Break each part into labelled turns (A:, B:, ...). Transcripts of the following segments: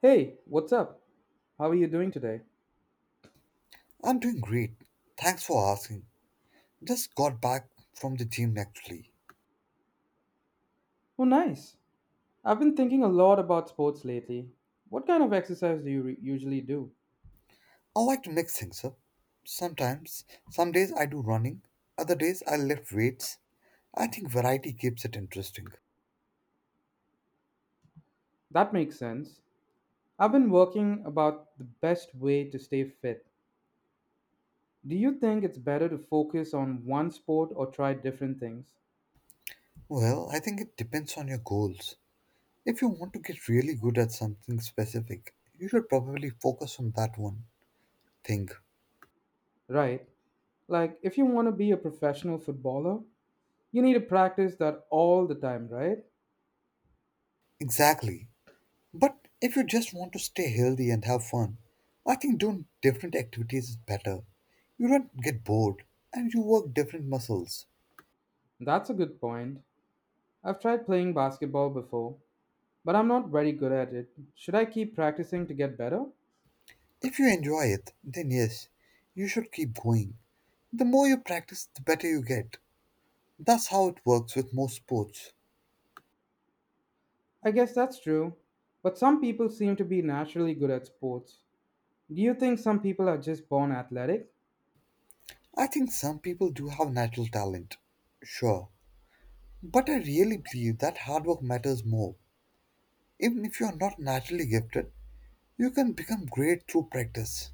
A: Hey, what's up? How are you doing today?
B: I'm doing great. Thanks for asking. Just got back from the gym actually.
A: Oh, nice. I've been thinking a lot about sports lately. What kind of exercise do you usually do?
B: I like to mix things up. Some days I do running, other days I lift weights. I think variety keeps it interesting.
A: That makes sense. I've been working about the best way to stay fit. Do you think it's better to focus on one sport or try different things?
B: Well, I think it depends on your goals. If you want to get really good at something specific, you should probably focus on that one thing.
A: Right. Like, if you want to be a professional footballer, you need to practice that all the time, right?
B: Exactly. But if you just want to stay healthy and have fun, I think doing different activities is better. You don't get bored and you work different muscles.
A: That's a good point. I've tried playing basketball before, but I'm not very good at it. Should I keep practicing to get better?
B: If you enjoy it, then yes, you should keep going. The more you practice, the better you get. That's how it works with most sports.
A: I guess that's true, but some people seem to be naturally good at sports. Do you think some people are just born athletic?
B: I think some people do have natural talent. Sure. But I really believe that hard work matters more. Even if you are not naturally gifted, you can become great through practice.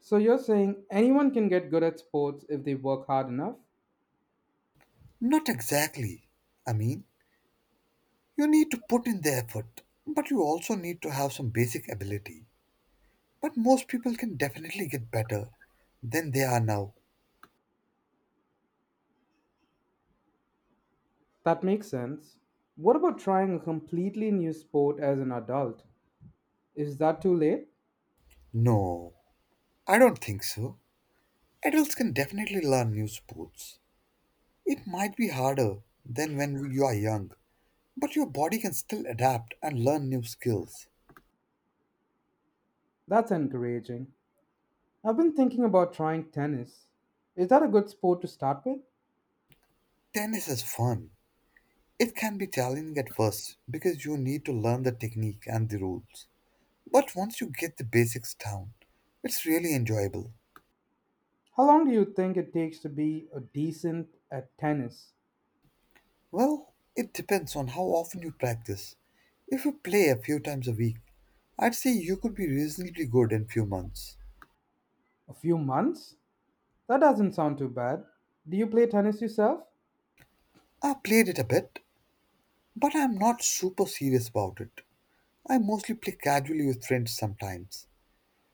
A: So you're saying anyone can get good at sports if they work hard enough?
B: Not exactly. I mean, you need to put in the effort, but you also need to have some basic ability. But most people can definitely get better than they are now.
A: That makes sense. What about trying a completely new sport as an adult? Is that too late?
B: No, I don't think so. Adults can definitely learn new sports. It might be harder than when you are young, but your body can still adapt and learn new skills.
A: That's encouraging. I've been thinking about trying tennis. Is that a good sport to start with?
B: Tennis is fun. It can be challenging at first because you need to learn the technique and the rules. But once you get the basics down, it's really enjoyable.
A: How long do you think it takes to be a decent at tennis?
B: Well, it depends on how often you practice. If you play a few times a week, I'd say you could be reasonably good in few months.
A: A few months? That doesn't sound too bad. Do you play tennis yourself?
B: I played it a bit, but I'm not super serious about it. I mostly play casually with friends sometimes.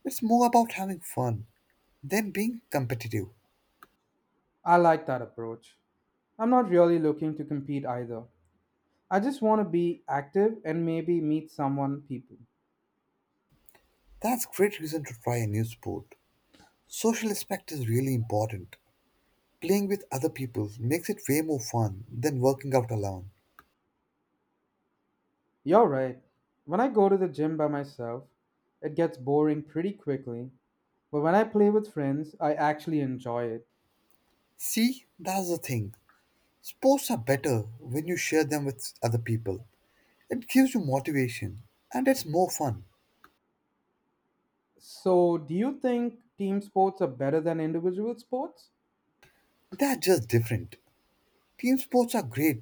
B: It's more about having fun than being competitive.
A: I like that approach. I'm not really looking to compete either. I just want to be active and maybe meet someone people.
B: That's great reason to try a new sport. Social aspect is really important. Playing with other people makes it way more fun than working out alone.
A: You're right. When I go to the gym by myself, it gets boring pretty quickly, but when I play with friends, I actually enjoy it.
B: See, that's the thing. Sports are better when you share them with other people. It gives you motivation and it's more fun.
A: So, do you think team sports are better than individual sports?
B: They're just different. Team sports are great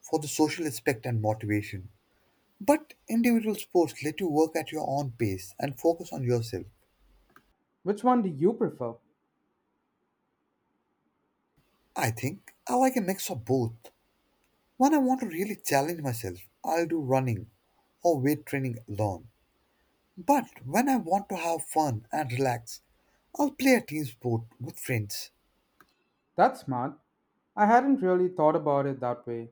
B: for the social aspect and motivation, but individual sports let you work at your own pace and focus on yourself.
A: Which one do you prefer?
B: I think I like a mix of both. When I want to really challenge myself, I'll do running or weight training alone. But when I want to have fun and relax, I'll play a team sport with friends.
A: That's smart. I hadn't really thought about it that way.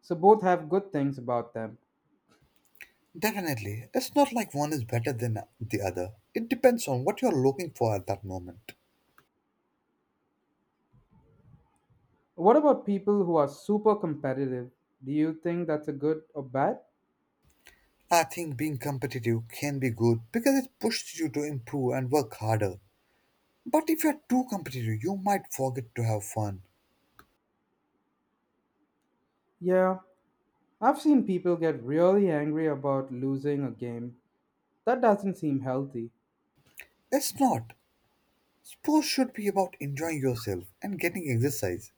A: So both have good things about them.
B: Definitely, it's not like one is better than the other. It depends on what you're looking for at that moment.
A: What about people who are super competitive? Do you think that's a good or bad?
B: I think being competitive can be good because it pushes you to improve and work harder. But if you're too competitive, you might forget to have fun.
A: Yeah, I've seen people get really angry about losing a game. That doesn't seem healthy.
B: It's not. Sports should be about enjoying yourself and getting exercise.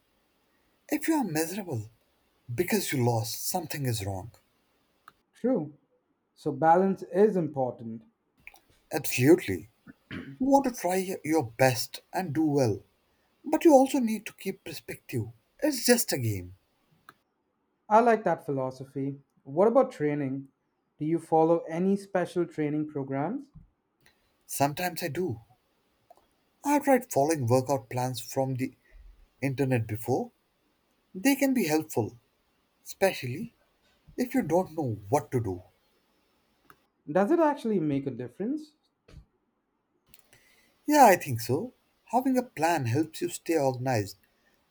B: If you are miserable because you lost, something is wrong.
A: True. So balance is important.
B: Absolutely. You want to try your best and do well. But you also need to keep perspective. It's just a game.
A: I like that philosophy. What about training? Do you follow any special training programs?
B: Sometimes I do. I've tried following workout plans from the internet before. They can be helpful, especially if you don't know what to do.
A: Does it actually make a difference?
B: Yeah, I think so. Having a plan helps you stay organized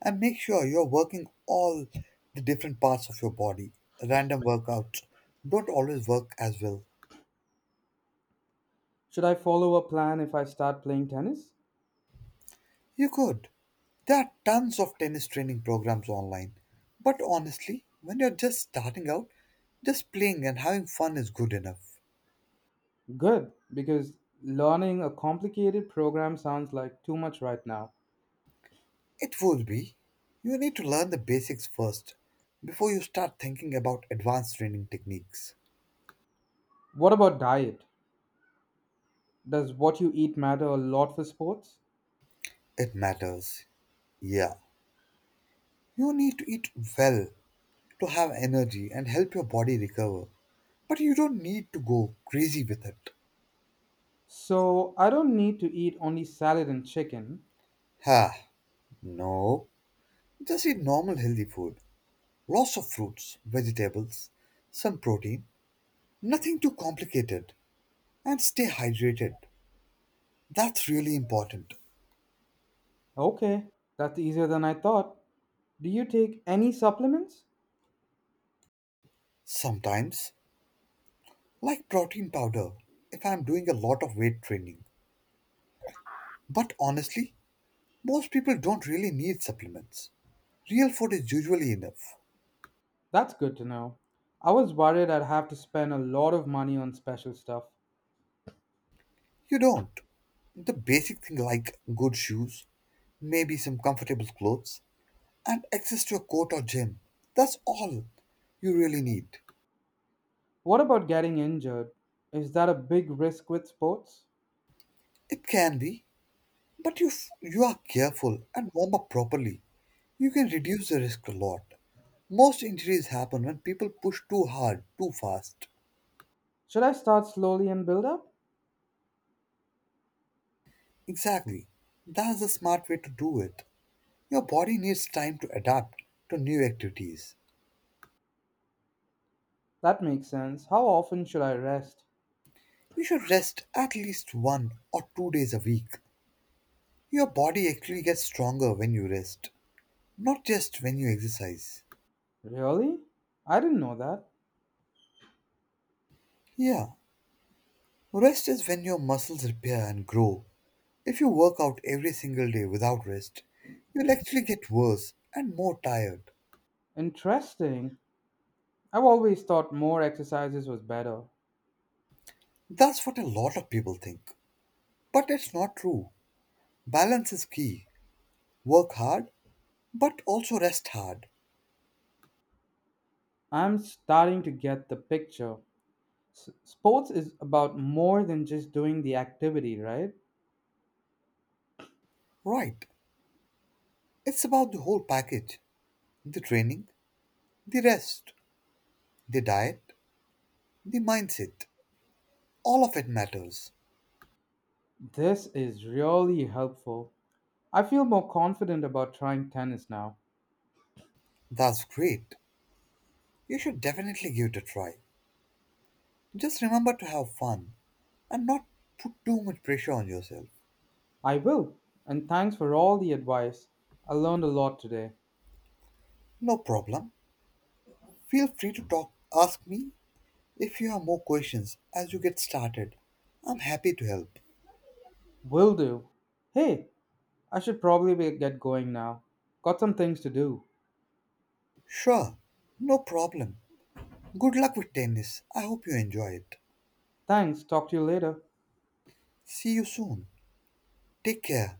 B: and make sure you're working all the different parts of your body. Random workouts don't always work as well.
A: Should I follow a plan if I start playing tennis?
B: You could. There are tons of tennis training programs online. But honestly, when you're just starting out, just playing and having fun is good enough.
A: Good, because learning a complicated program sounds like too much right now.
B: It would be. You need to learn the basics first before you start thinking about advanced training techniques.
A: What about diet? Does what you eat matter a lot for sports?
B: It matters. Yeah, you need to eat well to have energy and help your body recover, but you don't need to go crazy with it.
A: So I don't need to eat only salad and chicken.
B: Ha, no. Just eat normal healthy food. Lots of fruits, vegetables, some protein, nothing too complicated, and stay hydrated. That's really important.
A: Okay, that's easier than I thought. Do you take any supplements?
B: Sometimes, like protein powder, if I'm doing a lot of weight training. But honestly, most people don't really need supplements. Real food is usually enough.
A: That's good to know. I was worried I'd have to spend a lot of money on special stuff.
B: You don't. The basic thing like good shoes, maybe some comfortable clothes, and access to a court or gym. That's all you really need.
A: What about getting injured? Is that a big risk with sports?
B: It can be, but if you are careful and warm up properly, you can reduce the risk a lot. Most injuries happen when people push too hard, too fast.
A: Should I start slowly and build up?
B: Exactly. That's the smart way to do it. Your body needs time to adapt to new activities.
A: That makes sense. How often should I rest?
B: You should rest at least 1 or 2 days a week. Your body actually gets stronger when you rest, not just when you exercise.
A: Really? I didn't know that.
B: Yeah, rest is when your muscles repair and grow. If you work out every single day without rest, you'll actually get worse and more tired.
A: Interesting. I've always thought more exercises was better.
B: That's what a lot of people think. But it's not true. Balance is key. Work hard, but also rest hard.
A: I'm starting to get the picture. Sports is about more than just doing the activity, right?
B: Right. It's about the whole package, the training, the rest, the diet, the mindset. All of it matters.
A: This is really helpful. I feel more confident about trying tennis now.
B: That's great. You should definitely give it a try. Just remember to have fun and not put too much pressure on yourself.
A: I will. And thanks for all the advice. I learned a lot today.
B: No problem. Feel free to talk ask me if you have more questions as you get started. I'm happy to help.
A: Will do. Hey, I should probably get going now. Got some things to do.
B: Sure. No problem. Good luck with tennis. I hope you enjoy it.
A: Thanks, talk to you later.
B: See you soon. Take care.